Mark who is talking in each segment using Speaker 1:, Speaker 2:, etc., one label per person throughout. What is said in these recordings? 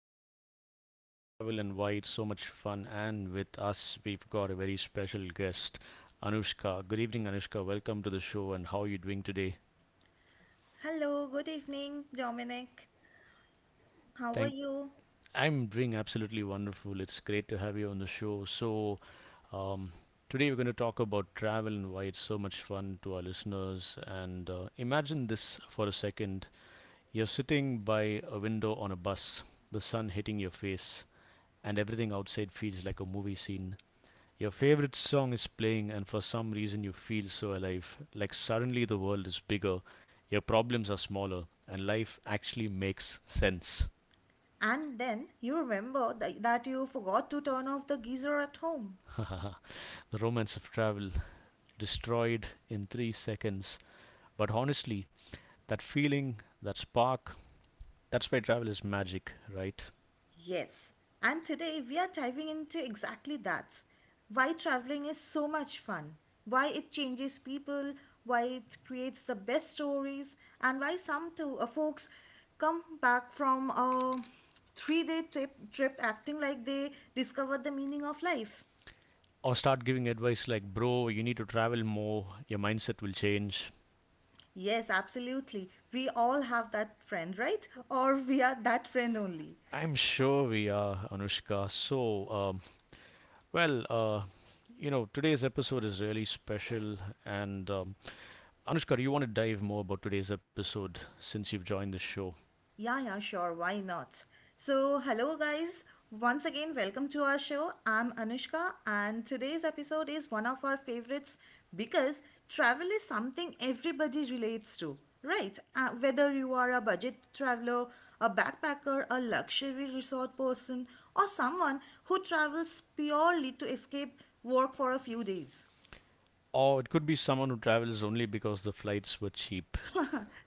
Speaker 1: we are talking about travel and why it's so much fun. And with us, we've got a very special guest, Anushka. Good evening, Anushka. Welcome to the show and how are you doing today?
Speaker 2: Hello, good evening, Dominic. How are
Speaker 1: Thank
Speaker 2: you?
Speaker 1: I'm doing absolutely wonderful. It's great to have you on the show. So, um, today we're going to talk about travel and why it's so much fun to our listeners. And imagine this for a second. You're sitting by a window on a bus, the sun hitting your face, and everything outside feels like a movie scene. Your favorite song is playing, and for some reason you feel so alive, like suddenly the world is bigger, your problems are smaller, and life actually makes sense.
Speaker 2: And then you remember that you forgot to turn off the geyser at home.
Speaker 1: The romance of travel, destroyed in 3 seconds. But honestly, that feeling, that spark, that's why travel is magic, right?
Speaker 2: Yes, and today we are diving into exactly that. Why traveling is so much fun, why it changes people, why it creates the best stories, and why some folks come back from a 3 day trip acting like they discovered the meaning of life.
Speaker 1: Or start giving advice like, bro, you need to travel more, your mindset will change.
Speaker 2: Yes, absolutely. We all have that friend, right? Or we are that friend only.
Speaker 1: I'm sure we are, Anushka. So, well, uh, today's episode is really special. And Anushka, do you want to dive more about today's episode since you've joined the show?
Speaker 2: Yeah, yeah, sure. Why not? So, hello, guys. Once again, welcome to our show. I'm Anushka, and today's episode is one of our favorites because travel is something everybody relates to, right? Whether you are a budget traveler, a backpacker, a luxury resort person, or someone who travels purely to escape work for a few days.
Speaker 1: Or it could be someone who travels only because the flights were cheap.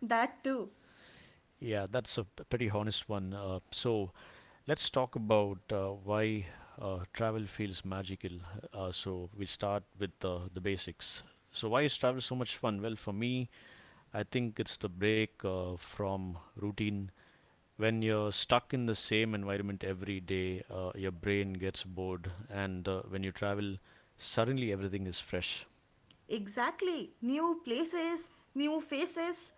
Speaker 2: That too.
Speaker 1: Yeah, that's a pretty honest one. So, let's talk about why travel feels magical. So we'll start with the basics. So why is travel so much fun? Well, for me, I think it's the break from routine. When you're stuck in the same environment every day, your brain gets bored, and when you travel, suddenly everything is fresh.
Speaker 2: Exactly. New places, new faces,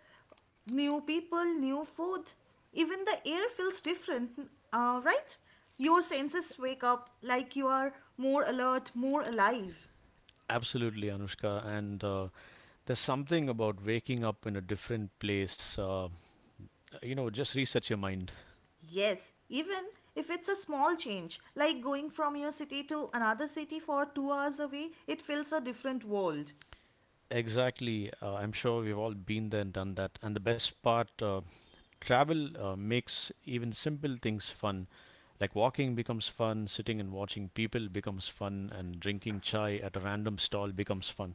Speaker 2: new people, new food. Even the air feels different, right? Your senses wake up like you are more alert, more alive.
Speaker 1: Absolutely, Anushka. And there's something about waking up in a different place. You know, just resets your mind.
Speaker 2: Yes, even if it's a small change, like going from your city to another city for 2 hours away, it feels a different world.
Speaker 1: Exactly. I'm sure we've all been there and done that. And the best part, travel makes even simple things fun. Like walking becomes fun, sitting and watching people becomes fun, and drinking chai at a random stall becomes fun.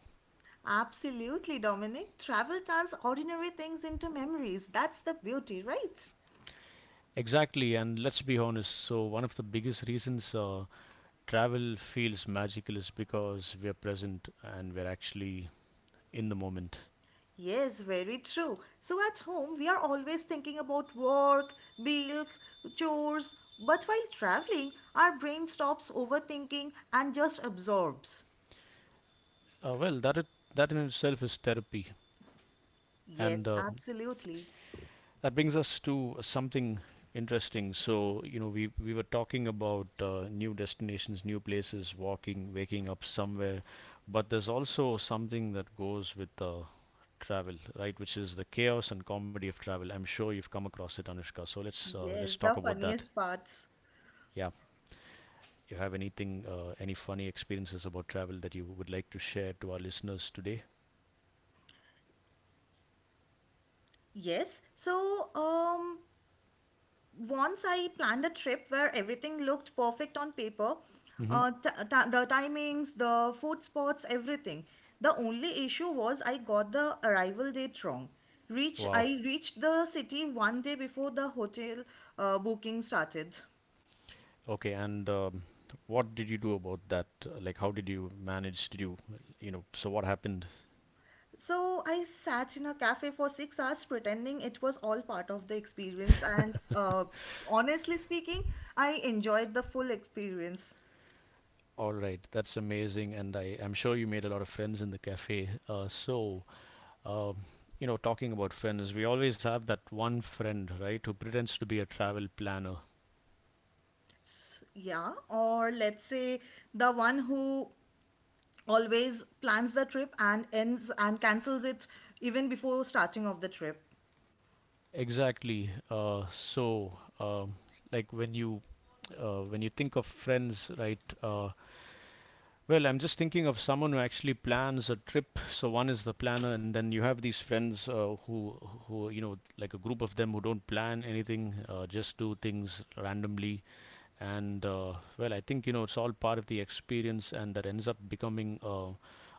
Speaker 2: Absolutely, Dominic. Travel turns ordinary things into memories. That's the beauty, right?
Speaker 1: Exactly. And let's be honest. So, one of the biggest reasons travel feels magical is because we're present and we're actually in the moment.
Speaker 2: Yes, very true. So at home, we are always thinking about work, bills, chores, but while traveling, our brain stops overthinking and just absorbs.
Speaker 1: Uh, well, that it, that in itself is therapy. And
Speaker 2: Yes, absolutely.
Speaker 1: that brings us to something interesting. So, you know, we were talking about new destinations, new places, walking, waking up somewhere, but there's also something that goes with travel, right? Which is the chaos and comedy of travel. I'm sure you've come across it, Anushka. So let's
Speaker 2: Yes,
Speaker 1: talk
Speaker 2: the
Speaker 1: about that.
Speaker 2: funniest parts.
Speaker 1: Yeah, you have anything, any funny experiences about travel that you would like to share to our listeners today?
Speaker 2: Yes, so once I planned a trip where everything looked perfect on paper,
Speaker 1: Hmm.
Speaker 2: the timings, the food spots, everything. The only issue was I got the arrival date wrong. Reach
Speaker 1: Wow.
Speaker 2: I reached the city 1 day before the hotel booking started.
Speaker 1: Okay, and what did you do about that? Like, how did you manage? Did you, you know, so what happened?
Speaker 2: So I sat in a cafe for 6 hours pretending it was all part of the experience, and honestly speaking, I enjoyed the full experience.
Speaker 1: All right, that's amazing, and I'm sure you made a lot of friends in the cafe. So, um, you know, talking about friends, we always have that one friend, right, who pretends to be a travel planner.
Speaker 2: Yeah, or let's say the one who always plans the trip and ends and cancels it even before starting of the trip.
Speaker 1: Exactly. So, like when you think of friends, right? Well, I'm just thinking of someone who actually plans a trip. So one is the planner, and then you have these friends who you know, like a group of them who don't plan anything, just do things randomly. And well, I think you know it's all part of the experience, and that ends up becoming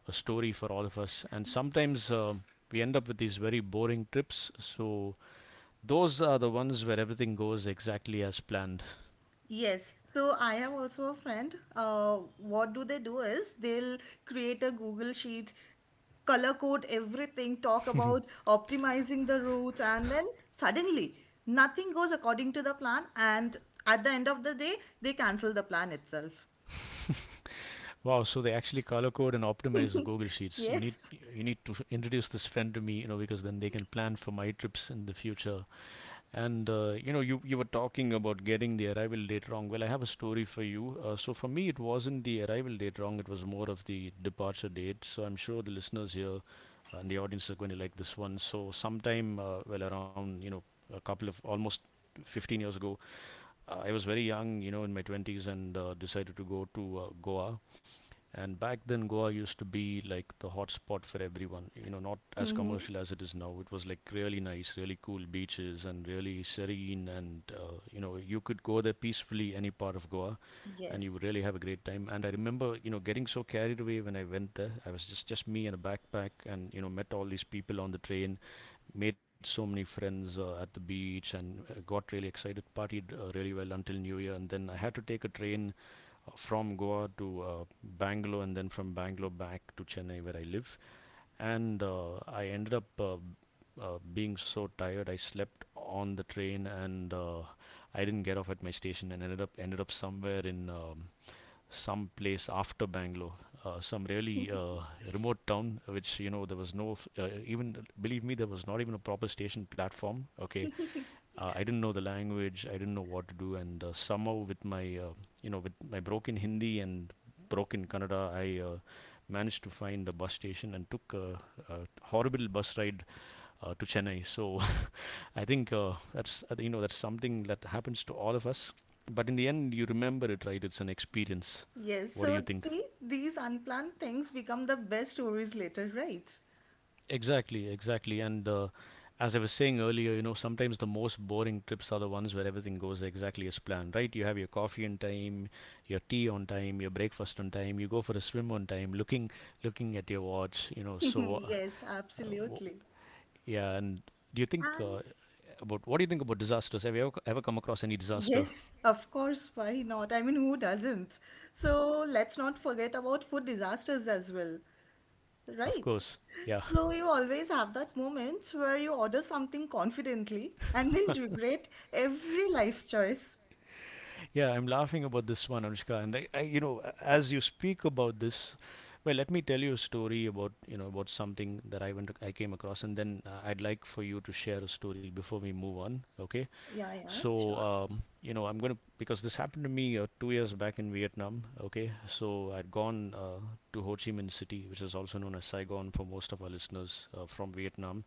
Speaker 1: a story for all of us. And sometimes we end up with these very boring trips. So those are the ones where everything goes exactly as planned.
Speaker 2: Yes, so I have also a friend, what do they do is they'll create a Google sheet, color code everything, talk about optimizing the route, and then suddenly nothing goes according to the plan, and at the end of the day they cancel the plan itself.
Speaker 1: Wow, so they actually color code and optimize the Google Sheets.
Speaker 2: Yes.
Speaker 1: You need to introduce this friend to me, you know, because then they can plan for my trips in the future. And you know, you were talking about getting the arrival date wrong. Well, I have a story for you. So for me, it wasn't the arrival date wrong; it was more of the departure date. So I'm sure the listeners here and the audience are going to like this one. So sometime, well, around you know, a couple of almost 15 years ago, I was very young, you know, in my 20s, and decided to go to Goa, and back then, Goa used to be like the hot spot for everyone. You know, not as
Speaker 2: Mm-hmm.
Speaker 1: commercial as it is now. It was like really nice, really cool beaches, and really serene. And you know, you could go there peacefully any part of Goa, and you would
Speaker 2: Yes.
Speaker 1: really have a great time. And I remember, you know, getting so carried away when I went there. I was just me and a backpack, and you know, met all these people on the train, made so many friends at the beach, and got really excited, partied really well until New Year, and then I had to take a train from Goa to Bangalore and then from Bangalore back to Chennai where I live. And I ended up being so tired, I slept on the train and I didn't get off at my station and ended up somewhere in some place after Bangalore, some really remote town, which you know there was no even believe me there was not even a proper station platform. Okay, I didn't know the language. I didn't know what to do, and somehow with my you know with my broken Hindi and broken Kannada, I managed to find a bus station and took a horrible bus ride to Chennai. So I think that's you know that's something that happens to all of us. But in the end, you remember it, right? It's an experience.
Speaker 2: Yes,
Speaker 1: What do you
Speaker 2: so
Speaker 1: think?
Speaker 2: see, these unplanned things become the best stories later, right?
Speaker 1: Exactly, exactly. And as I was saying earlier, you know, sometimes the most boring trips are the ones where everything goes exactly as planned, right? You have your coffee on time, your tea on time, your breakfast on time, you go for a swim on time, looking at your watch, you know. So,
Speaker 2: Yes,
Speaker 1: uh, w-
Speaker 2: absolutely.
Speaker 1: yeah. And do you think
Speaker 2: And
Speaker 1: about what do you think about disasters? Have you ever come across any disaster?
Speaker 2: yes, of course, why not? I mean, who doesn't? So let's not forget about food disasters as well,
Speaker 1: Of
Speaker 2: right?
Speaker 1: course, yeah.
Speaker 2: So you always have that moment where you order something confidently and then regret every life choice.
Speaker 1: Yeah, I'm laughing about this one, Anushka. And you know, as you speak about this, well, let me tell you a story about, you know, about something that I came across, and then I'd like for you to share a story before we move on. Okay.
Speaker 2: Yeah, yeah,
Speaker 1: So,
Speaker 2: sure.
Speaker 1: you know, I'm gonna because this happened to me 2 years back in Vietnam. Okay. So I'd gone to Ho Chi Minh City, which is also known as Saigon for most of our listeners from Vietnam,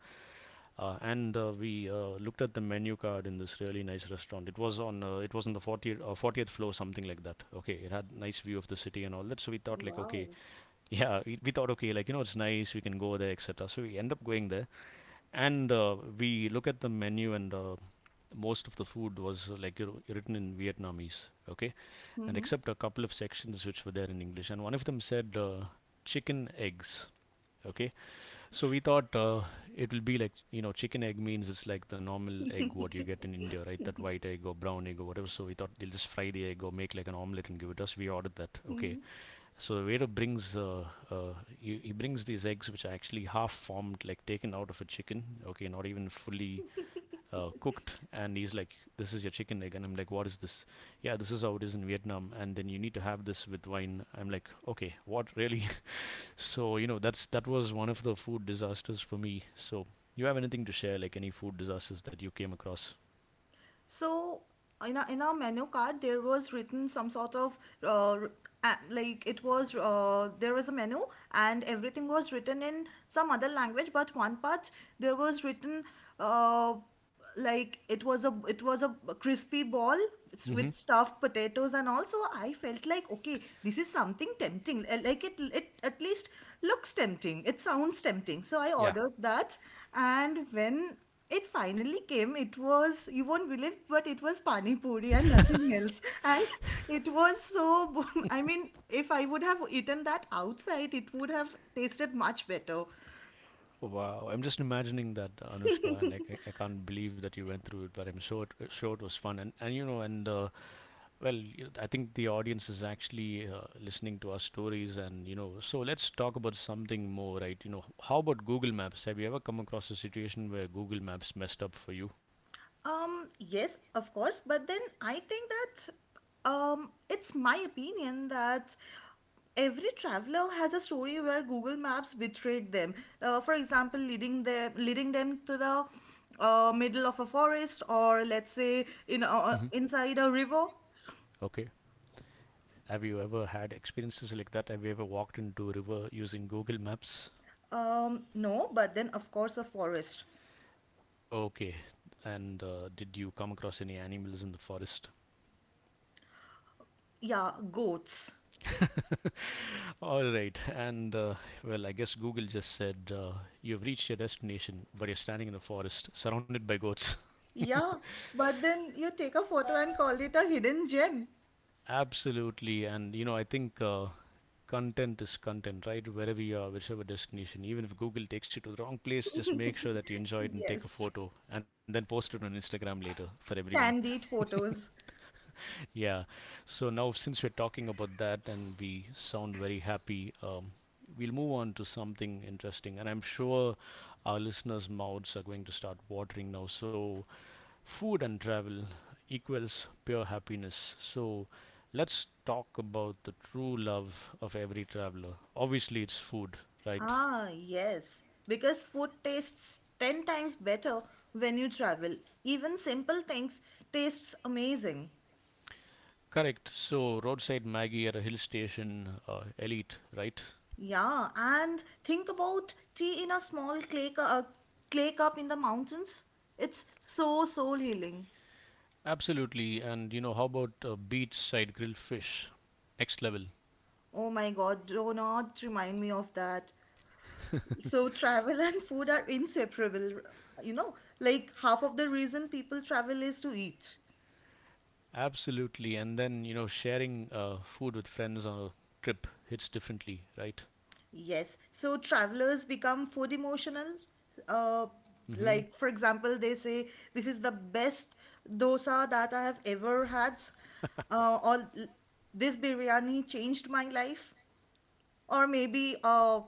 Speaker 1: and we looked at the menu card in this really nice restaurant. It was on the 40th floor, something like that. Okay, it had nice view of the city and all that. So we thought like, okay,
Speaker 2: Wow.
Speaker 1: yeah, we thought okay, like you know, it's nice, we can go there, etc. So we end up going there and we look at the menu, and most of the food was like you know, written in Vietnamese, okay? And
Speaker 2: Mm-hmm.
Speaker 1: except a couple of sections which were there in English, and one of them said chicken eggs, okay? So we thought it will be like, you know, chicken egg means it's like the normal egg what you get in India, right? That white egg or brown egg or whatever. So we thought they'll just fry the egg or make like an omelette and give it us. We ordered that, okay?
Speaker 2: Mm-hmm.
Speaker 1: So the waiter brings he brings these eggs which are actually half formed, like taken out of a chicken. Okay, not even fully cooked. And he's like, "This is your chicken egg," and I'm like, "What is this?" Yeah, this is how it is in Vietnam. And then you need to have this with wine. I'm like, "Okay, what really?" so you know, that was one of the food disasters for me. So you have anything to share, like any food disasters that you came across?
Speaker 2: So in our menu card, there was written some sort of uh, r- like it was there was a menu and everything was written in some other language, but one part there was written uh, like it was a crispy ball
Speaker 1: Hmm.
Speaker 2: with stuffed potatoes, and also I felt like okay, this is something tempting. Like it at least looks tempting. It sounds tempting. So I
Speaker 1: Yeah.
Speaker 2: ordered that, and when it finally came. It was, you won't believe, but it was Pani Puri and nothing else. And it was so, I mean, if I would have eaten that outside, it would have tasted much better.
Speaker 1: Wow, I'm just imagining that Anushka, and like I can't believe that you went through it, but I'm sure sure it was fun, and you know, and I think the audience is actually listening to our stories, and you know, so let's talk about something more, right? You know, how about Google Maps? Have you ever come across a situation where Google Maps messed up for you?
Speaker 2: Yes, of course, but then I think that it's my opinion that every traveler has a story where Google Maps betrayed them. For example, leading them to the middle of a forest, or let's say in
Speaker 1: Hmm.
Speaker 2: inside a river.
Speaker 1: Okay. Have you ever had experiences like that? Have you ever walked into a river using Google Maps?
Speaker 2: No, but then of course a forest.
Speaker 1: Okay. And did you come across any animals in the forest?
Speaker 2: Yeah, goats.
Speaker 1: All right. And well, I guess Google just said, you've reached your destination, but you're standing in a forest surrounded by goats.
Speaker 2: Yeah, but then you take a photo and call it a hidden gem.
Speaker 1: Absolutely. And you know, I think content is content, right? Wherever you are, whichever destination, even if Google takes you to the wrong place, just make sure that you enjoy it and take a
Speaker 2: Yes,
Speaker 1: photo and then post it on Instagram later for everyone.
Speaker 2: candid photos.
Speaker 1: Yeah. So now, since we're talking about that and we sound very happy, we'll move on to something interesting. And I'm sure our listeners' mouths are going to start watering now. So, food and travel equals pure happiness. So, let's talk about the true love of every traveler. Obviously, it's food, right?
Speaker 2: Ah, yes, because food tastes 10 times better when you travel. Even simple things tastes amazing.
Speaker 1: Correct. So, roadside Maggie at a hill station, elite, right?
Speaker 2: Yeah, and think about tea in a small clay cup in the mountains. It's so soul healing.
Speaker 1: Absolutely. And you know, how about beachside grilled fish? Next level.
Speaker 2: Oh my god, do not remind me of that. So travel and food are inseparable. You know, like half of the reason people travel is to eat.
Speaker 1: Absolutely. And then, you know, sharing food with friends on a trip hits differently, right?
Speaker 2: Yes. So travelers become food emotional. Uh,
Speaker 1: Mm-hmm.
Speaker 2: like, for example, they say, this is the best dosa that I have ever had. Or this biryani changed my life. Or maybe a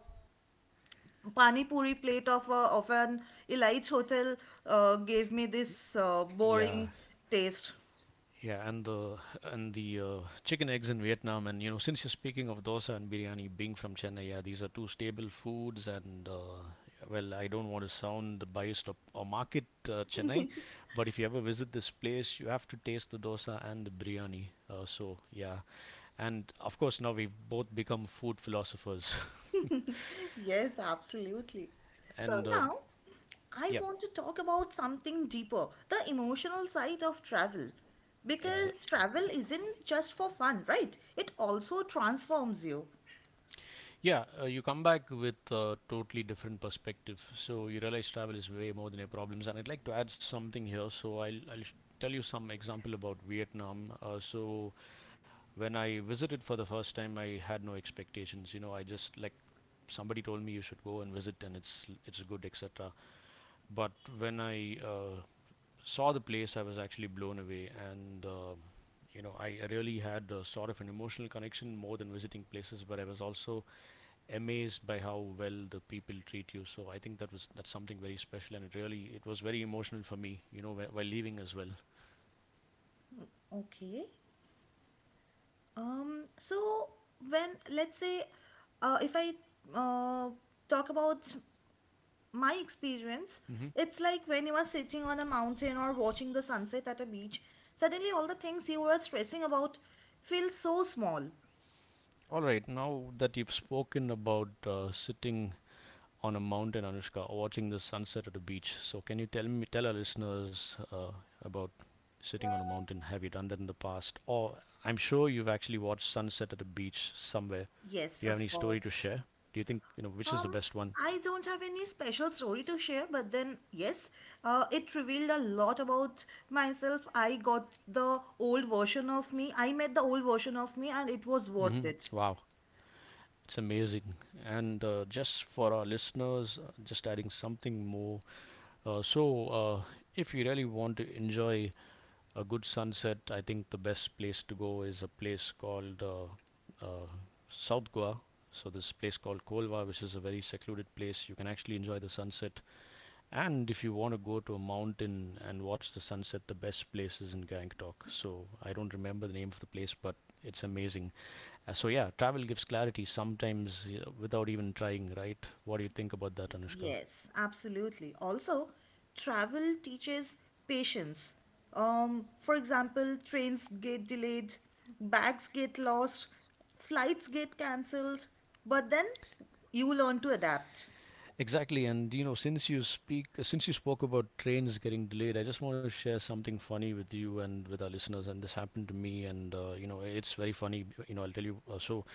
Speaker 2: pani puri plate of an elite hotel gave me this
Speaker 1: Yeah.
Speaker 2: boring taste.
Speaker 1: Yeah, and the chicken eggs in Vietnam, and you know, since you're speaking of dosa and biryani, being from Chennai, yeah, these are two stable foods. And well, I don't want to sound biased or market Chennai, but if you ever visit this place, you have to taste the dosa and the biryani. So yeah, and of course now we've both become food philosophers,
Speaker 2: Yes, absolutely. So
Speaker 1: and
Speaker 2: now I
Speaker 1: yeah,
Speaker 2: want to talk about something deeper, the emotional side of travel. Because
Speaker 1: exactly.
Speaker 2: travel isn't just for fun, right? It also transforms you.
Speaker 1: Yeah, you come back with a totally different perspective. So you realize travel is way more than your problems. And I'd like to add something here. So I'll tell you some example about Vietnam. So when I visited for the first time, I had no expectations. You know, I just like somebody told me you should go and visit, and it's good, etc. But when I saw the place, I was actually blown away, and you know, I really had a sort of an emotional connection more than visiting places. But I was also amazed by how well the people treat you. So I think that's something very special, and it was very emotional for me. You know, while leaving as well.
Speaker 2: Okay. Um, so when let's say if I uh, talk about my experience,
Speaker 1: Hmm.
Speaker 2: it's like when you are sitting on a mountain or watching the sunset at a beach, suddenly all the things you were stressing about feel so small.
Speaker 1: All right, now that you've spoken about sitting on a mountain, Anushka, or watching the sunset at a beach, so can you tell our listeners about sitting on a mountain? Have you done that in the past? Or I'm sure you've actually watched sunset at a beach somewhere.
Speaker 2: Yes,
Speaker 1: Do you have
Speaker 2: of
Speaker 1: any story to
Speaker 2: course.
Speaker 1: share? Do you think you know which is the
Speaker 2: Um,
Speaker 1: best one?
Speaker 2: I don't have any special story to share, but then, yes, it revealed a lot about myself. I got the old version of me. I met the old version of me, and it was worth
Speaker 1: Hmm.
Speaker 2: it.
Speaker 1: Wow. It's amazing. And just for our listeners, just adding something more. So, if you really want to enjoy a good sunset, I think the best place to go is a place called uh, South Goa. So, this place called Kolva, which is a very secluded place, you can actually enjoy the sunset. And if you want to go to a mountain and watch the sunset, the best place is in Gangtok. So, I don't remember the name of the place, but it's amazing. So yeah, travel gives clarity sometimes, you know, without even trying, right? What do you think about that, Anushka?
Speaker 2: Yes, absolutely. Also, travel teaches patience. For example, trains get delayed, bags get lost, flights get cancelled, but then you learn to adapt.
Speaker 1: Exactly, and you know, since you spoke about trains getting delayed, I just want to share something funny with you and with our listeners. And this happened to me, and you know, it's very funny. You know, I'll tell you. So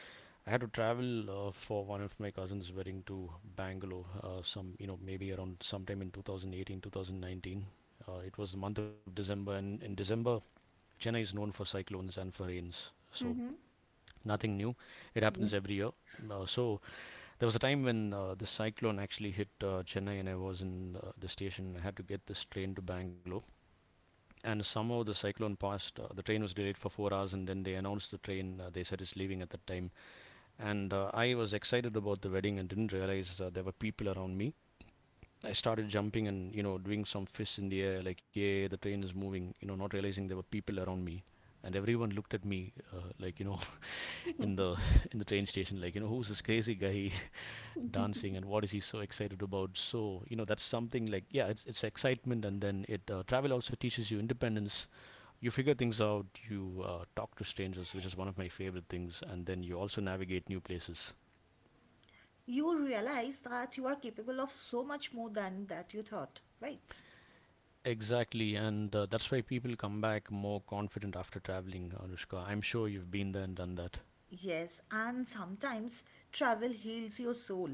Speaker 1: I had to travel for one of my cousin's wedding to Bangalore. Some, you know, maybe around sometime in 2018, 2019. It was the month of December, and in December, Chennai is known for cyclones and for rains. So nothing new. It happens every
Speaker 2: Yes.
Speaker 1: year. So there was a time when the cyclone actually hit Chennai, and I was in the station. I had to get this train to Bangalore, and somehow the cyclone passed. The train was delayed for 4 hours, and then they announced the train. They said it's leaving at that time, and I was excited about the wedding and didn't realize there were people around me. I started jumping and, you know, doing some fists in the air, like, yeah, yeah, the train is moving. You know, not realizing there were people around me, and everyone looked at me, like, you know, in the in the train station, like, you know, who's this crazy guy dancing, and what is he so excited about? So, you know, that's something like, yeah, it's excitement. And then it travel also teaches you independence. You figure things out, you talk to strangers, which is one of my favorite things, and then you also navigate new places.
Speaker 2: You will realize that you are capable of so much more than that you thought, right?
Speaker 1: Exactly, and that's why people come back more confident after traveling, Anushka. I'm sure you've been there and done that.
Speaker 2: Yes, and sometimes travel heals your soul.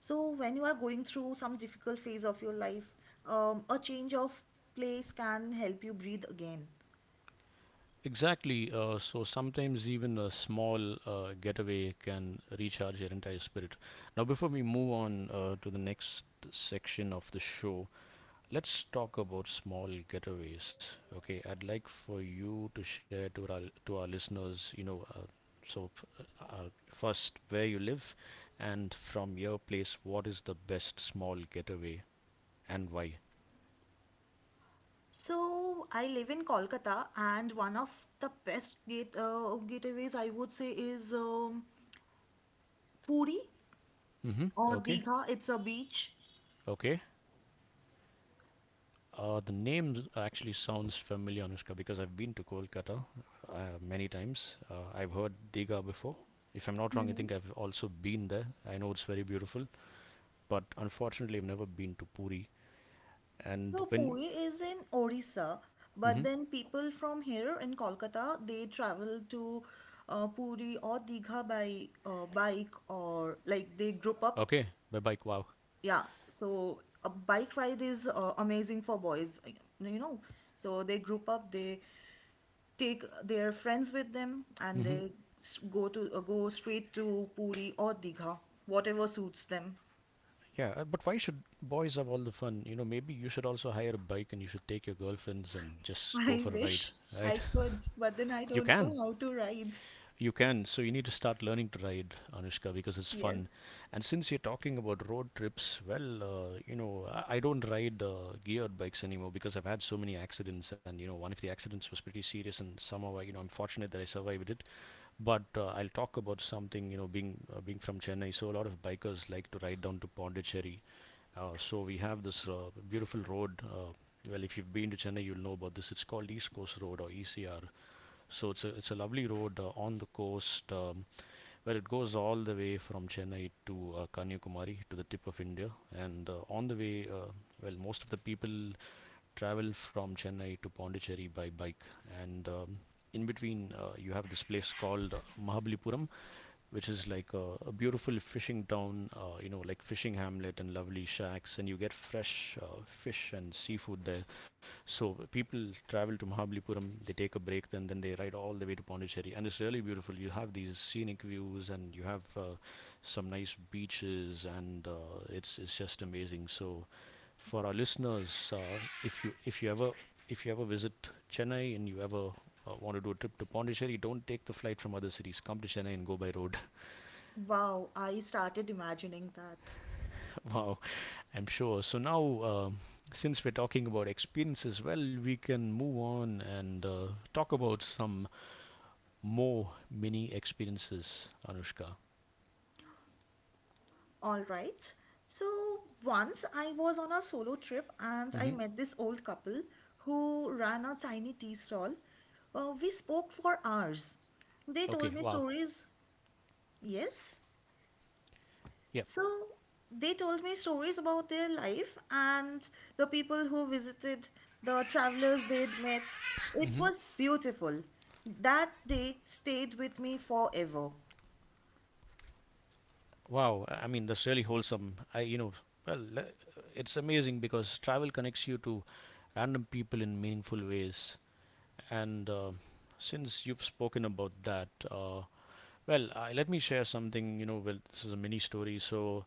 Speaker 2: So, when you are going through some difficult phase of your life, a change of place can help you breathe again.
Speaker 1: Exactly. So sometimes even a small getaway can recharge your entire spirit. Now, before we move on to the next section of the show, let's talk about small getaways. Okay, I'd like for you to share to our listeners. You know, so first, where you live, and from your place, what is the best small getaway and why?
Speaker 2: So, I live in Kolkata, and one of the best gateways I would say is Puri
Speaker 1: Mm-hmm.
Speaker 2: or
Speaker 1: Okay.
Speaker 2: Digha. It's a beach.
Speaker 1: Okay. The name actually sounds familiar, Anushka, because I've been to Kolkata many times. I've heard Diga before. If I'm not wrong, I think I've also been there. I know it's very beautiful, but unfortunately, I've never been to Puri. And
Speaker 2: So
Speaker 1: when.
Speaker 2: Puri is in Orissa,
Speaker 1: Hmm.
Speaker 2: but then people from here in Kolkata they travel to Puri or Digha by bike or like they group up.
Speaker 1: Okay, by bike, wow.
Speaker 2: Yeah, so a bike ride is amazing for boys, you know. So they group up, they take their friends with them, and
Speaker 1: Hmm.
Speaker 2: they go to go straight to Puri or Digha, whatever suits them.
Speaker 1: Yeah, but why should boys have all the fun? You know, maybe you should also hire a bike and you should take your girlfriends and just go for
Speaker 2: I
Speaker 1: a ride,
Speaker 2: wish
Speaker 1: right?
Speaker 2: I could, but then I
Speaker 1: You
Speaker 2: don't
Speaker 1: can.
Speaker 2: know how to ride.
Speaker 1: You can. So you need to start learning to ride, Anushka, because it's fun.
Speaker 2: Yes.
Speaker 1: And since you're talking about road trips, well, you know, I don't ride geared bikes anymore because I've had so many accidents, and you know, one of the accidents was pretty serious, and somehow, I, you know, I'm fortunate that I survived it. But I'll talk about something, you know, being from Chennai, so a lot of bikers like to ride down to Pondicherry. So we have this beautiful road. Well, if you've been to Chennai, you'll know about this. It's called East Coast Road or ECR. So it's a lovely road, on the coast, where it goes all the way from Chennai to Kanyakumari, to the tip of India. And on the way, well, most of the people travel from Chennai to Pondicherry by bike. And in between, you have this place called Mahabalipuram, which is like a beautiful fishing town, you know, like fishing hamlet and lovely shacks, and you get fresh fish and seafood there. So people travel to Mahabalipuram, they take a break, then they ride all the way to Pondicherry, and it's really beautiful. You have these scenic views, and you have some nice beaches, and it's just amazing. So for our listeners, if you ever visit Chennai and you ever want to do a trip to Pondicherry, don't take the flight from other cities. Come to Chennai and go by road.
Speaker 2: Wow, I started imagining that.
Speaker 1: Wow, I'm sure. So now, since we're talking about experiences, well, we can move on and talk about some more mini experiences, Anushka.
Speaker 2: All right. So once I was on a solo trip and I
Speaker 1: Hmm.
Speaker 2: met this old couple who ran a tiny tea stall. We spoke for hours. They
Speaker 1: Okay.
Speaker 2: told me
Speaker 1: Wow.
Speaker 2: stories. Yes.
Speaker 1: Yeah.
Speaker 2: So they told me stories about their life and the people who visited, the travelers they'd met. It
Speaker 1: Hmm.
Speaker 2: was beautiful. That day stayed with me forever.
Speaker 1: Wow. I mean, that's really wholesome. I, you know, well, it's amazing because travel connects you to random people in meaningful ways. And since you've spoken about that, well, let me share something. You know, well, this is a mini story. So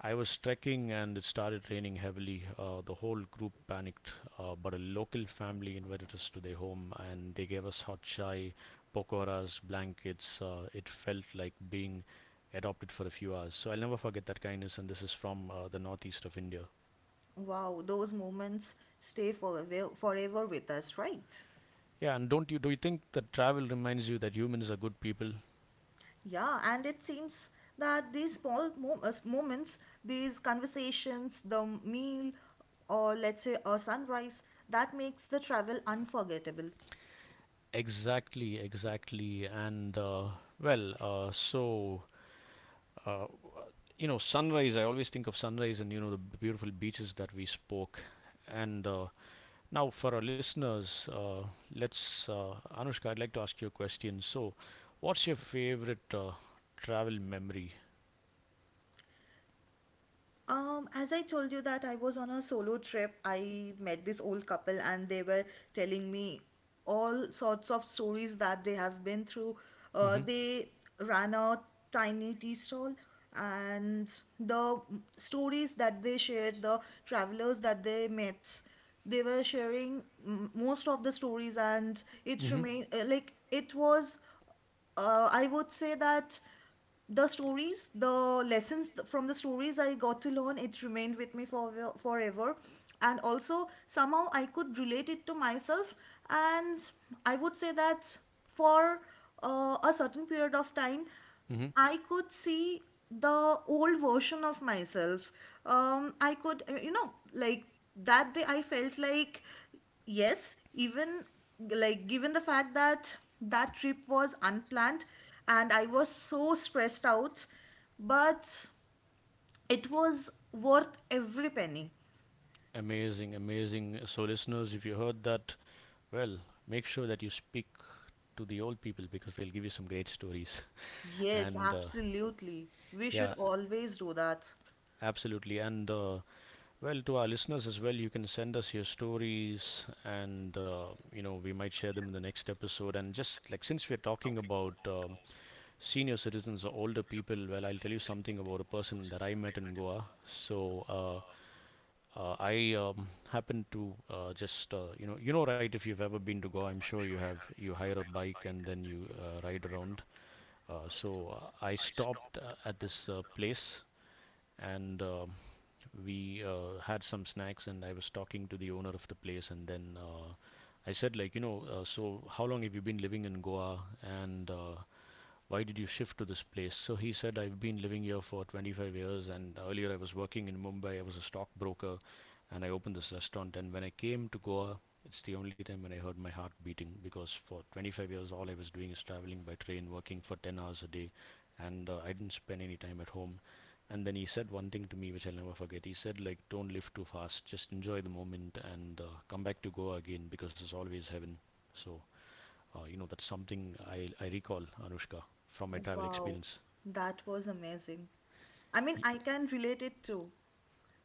Speaker 1: I was trekking and it started raining heavily. The whole group panicked, but a local family invited us to their home and they gave us hot chai, pokoras, blankets. It felt like being adopted for a few hours. So I'll never forget that kindness. And this is from the northeast of India.
Speaker 2: Wow, those moments stay forever, forever with us, right?
Speaker 1: Yeah, and don't you do you think that travel reminds you that humans are good people?
Speaker 2: Yeah, and it seems that these small moments, these conversations, the meal, or let's say a sunrise, that makes the travel unforgettable.
Speaker 1: Exactly, exactly. And well, so, Uh, you know, sunrise. I always think of sunrise and you know the beautiful beaches that we spoke. And now for our listeners, let's Anushka, I'd like to ask you a question. So, what's your favorite travel memory?
Speaker 2: As I told you that I was on a solo trip, I met this old couple and they were telling me all sorts of stories that they have been through.
Speaker 1: Mm-hmm.
Speaker 2: They ran a tiny tea stall and the stories that they shared, the travelers that they met, they were sharing mm, most of the stories, and it
Speaker 1: Mm-hmm.
Speaker 2: remained like it was I would say that the stories, the from the stories I got to learn, it remained with me for forever, and also somehow I could relate it to myself, and I would say that for a certain period of time,
Speaker 1: Mm-hmm.
Speaker 2: I could see the old version of myself. I could, you know, like that day I felt like, yes, even like given the fact that that trip was unplanned and I was so stressed out, but it was worth every penny.
Speaker 1: Amazing, amazing. So, listeners, if you heard that, well, make sure that you speak to the old people because they'll give you some great stories.
Speaker 2: Yes,
Speaker 1: And
Speaker 2: absolutely. We should
Speaker 1: yeah,
Speaker 2: always do that.
Speaker 1: absolutely. And Well, to our listeners as well, you can send us your stories, and you know we might share them in the next episode. And just like since we're talking about senior citizens or older people, well, I'll tell you something about a person that I met in Goa. I happened to just you know right, if you've ever been to Goa, I'm sure you have. You hire a bike and then you ride around. I stopped at this place and we had some snacks and I was talking to the owner of the place, and then I said, like, you know so how long have you been living in Goa? And why did you shift to this place? So he said, I've been living here for 25 years, and earlier I was working in Mumbai. I was a stockbroker, and I opened this restaurant. And when I came to Goa, it's the only time when I heard my heart beating because for 25 years, all I was doing is traveling by train, working for 10 hours a day, and I didn't spend any time at home. And then he said one thing to me which I'll never forget. He said, like, don't live too fast, just enjoy the moment and come back to Goa again because it's always heaven. So you know, that's something I recall, Anushka, from my travel
Speaker 2: Wow,
Speaker 1: experience.
Speaker 2: that was amazing. I mean,
Speaker 1: Y-
Speaker 2: I can relate it too.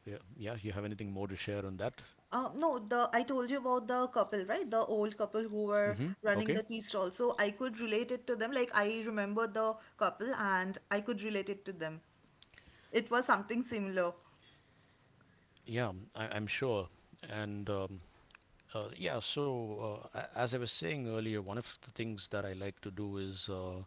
Speaker 1: Yeah, yeah, you have anything more to share on that?
Speaker 2: No, the I told you about the couple, right? The old couple who were
Speaker 1: Mm-hmm.
Speaker 2: running
Speaker 1: Okay.
Speaker 2: the tea stall. So I could relate it to them. Like I remember the couple and I could relate it to them. It was something similar.
Speaker 1: Yeah, I'm sure. And yeah, so as I was saying earlier, one of the things that I like to do is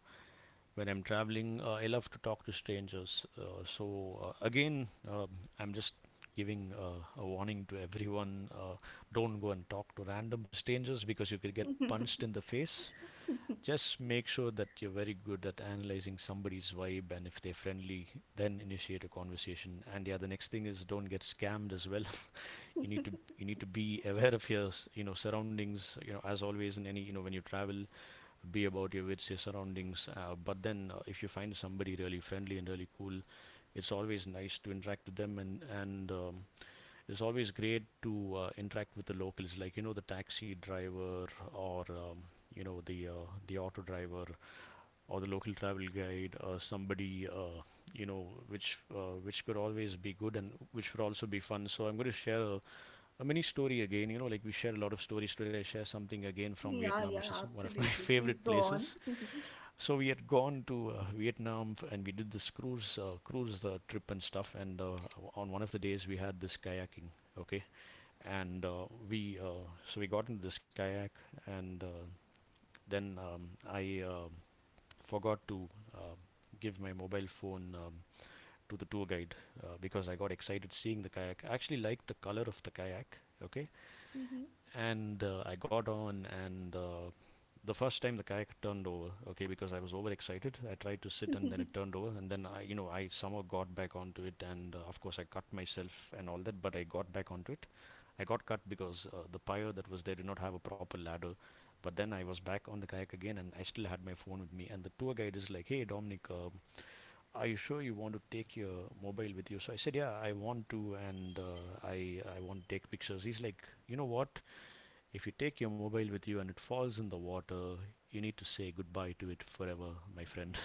Speaker 1: when I'm traveling, I love to talk to strangers. I'm just giving a warning to everyone: don't go and talk to random strangers because you could get punched in the face. Just make sure that you're very good at analyzing somebody's vibe, and if they're friendly, then initiate a conversation. And yeah, the next thing is, don't get scammed as well. You need to be aware of your you know surroundings, you know, as always in any, you know, when you travel, be about your wits, your surroundings, but then if you find somebody really friendly and really cool, it's always nice to interact with them. And it's always great to interact with the locals, like you know, the taxi driver or you know the auto driver or the local travel guide or somebody. You know which could always be good and which would also be fun. So I'm going to share a mini story again. You know, like we share a lot of stories today, I share something again from
Speaker 2: Yeah,
Speaker 1: Vietnam, which
Speaker 2: yeah,
Speaker 1: is one of my
Speaker 2: absolutely.
Speaker 1: favorite
Speaker 2: Please go on.
Speaker 1: places. So we had gone to Vietnam and we did this cruise trip and stuff. And on one of the days we had this kayaking. Okay. And uh, we uh, so we got into this kayak. And then I forgot to uh, give my mobile phone to the tour guide, because I got excited seeing the kayak. I actually liked the color of the kayak. Okay. And I got on, and the first time the kayak turned over. Okay, because I was overexcited, I tried to sit and then it turned over, and then I, you know, I somehow got back onto it, and of course I cut myself and all that, but I got back onto it. I got cut because the pyre that was there did not have a proper ladder. But then I was back on the kayak again, and I still had my phone with me, and the tour guide is like, hey Dominic, are you sure you want to take your mobile with you? So I said, yeah, I want to, and I want to take pictures. He's like, you know what, if you take your mobile with you and it falls in the water, you need to say goodbye to it forever, my friend.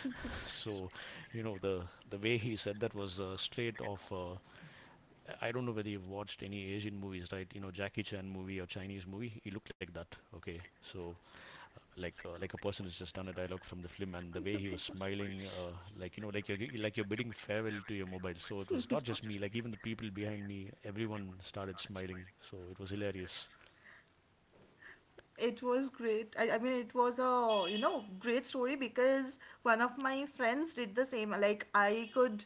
Speaker 1: So, you know, the way he said that was straight off. I don't know whether you've watched any Asian movies, right? You know, Jackie Chan movie or Chinese movie. He looked like that. Okay, so like a person has just done a dialogue from the film, and the way he was smiling, like you know, like you're bidding farewell to your mobile. So it was not just me, like even the people behind me, everyone started smiling. So it was hilarious.
Speaker 2: It was great. I mean, it was a, you know, great story because one of my friends did the same.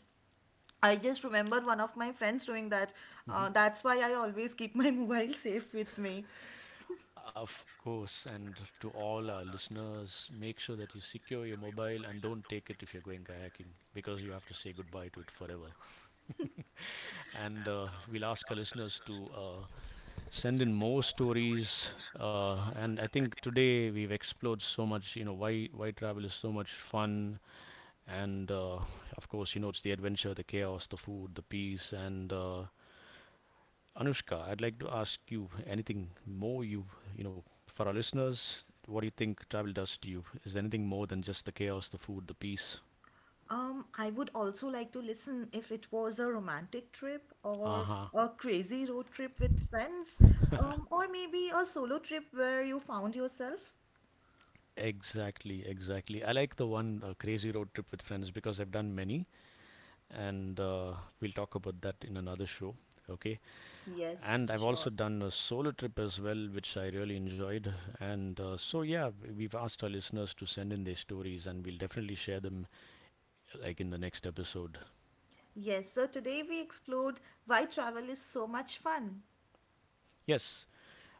Speaker 2: I just remembered one of my friends doing that.
Speaker 1: Hmm.
Speaker 2: That's why I always keep my mobile safe with me.
Speaker 1: Of course, and to all our listeners, make sure that you secure your mobile and don't take it if you're going kayaking because you have to say goodbye to it forever. And we'll ask our listeners to send in more stories. And I think today we've explored so much, you know, why travel is so much fun. And of course, you know, it's the adventure, the chaos, the food, the peace, and Anushka, I'd like to ask you, anything more, you know for our listeners? What do you think travel does to you? Is there anything more than just the chaos, the food, the peace?
Speaker 2: I would also like to listen if it was a romantic trip
Speaker 1: Uh
Speaker 2: or
Speaker 1: huh.
Speaker 2: a crazy road trip with friends, or maybe a solo trip where you found yourself.
Speaker 1: Exactly, exactly. I like the one crazy road trip with friends because I've done many, and we'll talk about that in another show. Okay. And
Speaker 2: Yes,
Speaker 1: I've also
Speaker 2: sure.
Speaker 1: done a solo trip as well, which I really enjoyed. And so, yeah, we've asked our listeners to send in their stories, and we'll definitely share them like in the next episode.
Speaker 2: Yes, so today we explored why travel is so much fun.
Speaker 1: Yes.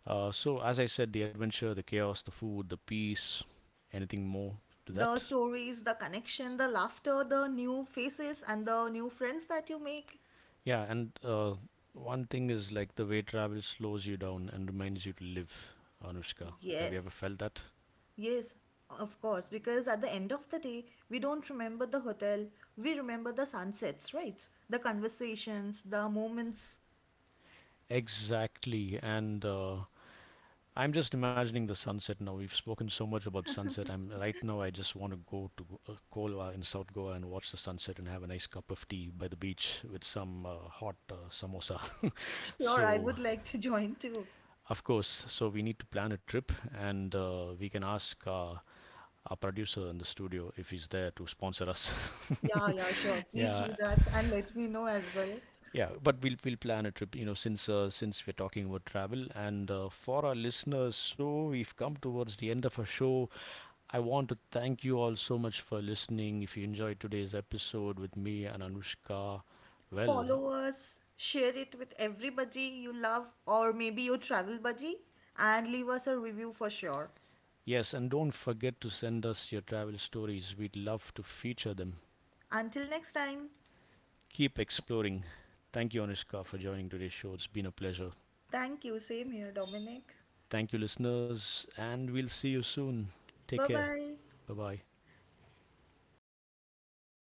Speaker 1: So, as I said, the adventure, the chaos, the food, the peace, anything more to that?
Speaker 2: The stories, the connection, the laughter, the new faces, and the new friends that you make.
Speaker 1: Yeah, and one thing is like the way travel slows you down and reminds you to live, Anushka. Have you ever
Speaker 2: Yes.
Speaker 1: felt that?
Speaker 2: Yes, of course, because at the end of the day, we don't remember the hotel, we remember the sunsets, right? The conversations, the moments.
Speaker 1: Exactly. And I'm just imagining the sunset now. We've spoken so much about sunset. I'm right now, I just want to go to Kolwa in South Goa and watch the sunset and have a nice cup of tea by the beach with some hot samosa.
Speaker 2: Sure, I
Speaker 1: So
Speaker 2: would like to join too.
Speaker 1: of course. So we need to plan a trip, and we can ask our producer in the studio if he's there to sponsor us.
Speaker 2: Yeah, yeah, sure. Please do
Speaker 1: Yeah,
Speaker 2: that and let me know as well.
Speaker 1: yeah. But we'll plan a trip. You know, since we're talking about travel, and for our listeners, so we've come towards the end of our show. I want to thank you all so much for listening. If you enjoyed today's episode with me and Anushka, well.
Speaker 2: Follow us, share it with everybody you love or maybe your travel buddy, and leave us a review for sure.
Speaker 1: Yes, and don't forget to send us your travel stories. We'd love to feature them.
Speaker 2: Until next time,
Speaker 1: Keep exploring. Thank you, Anushka, for joining today's show. It's been a pleasure.
Speaker 2: thank you. Same here, Dominic.
Speaker 1: Thank you, listeners, and we'll see you soon. Take
Speaker 2: Bye
Speaker 1: care.
Speaker 2: bye.
Speaker 1: Bye bye.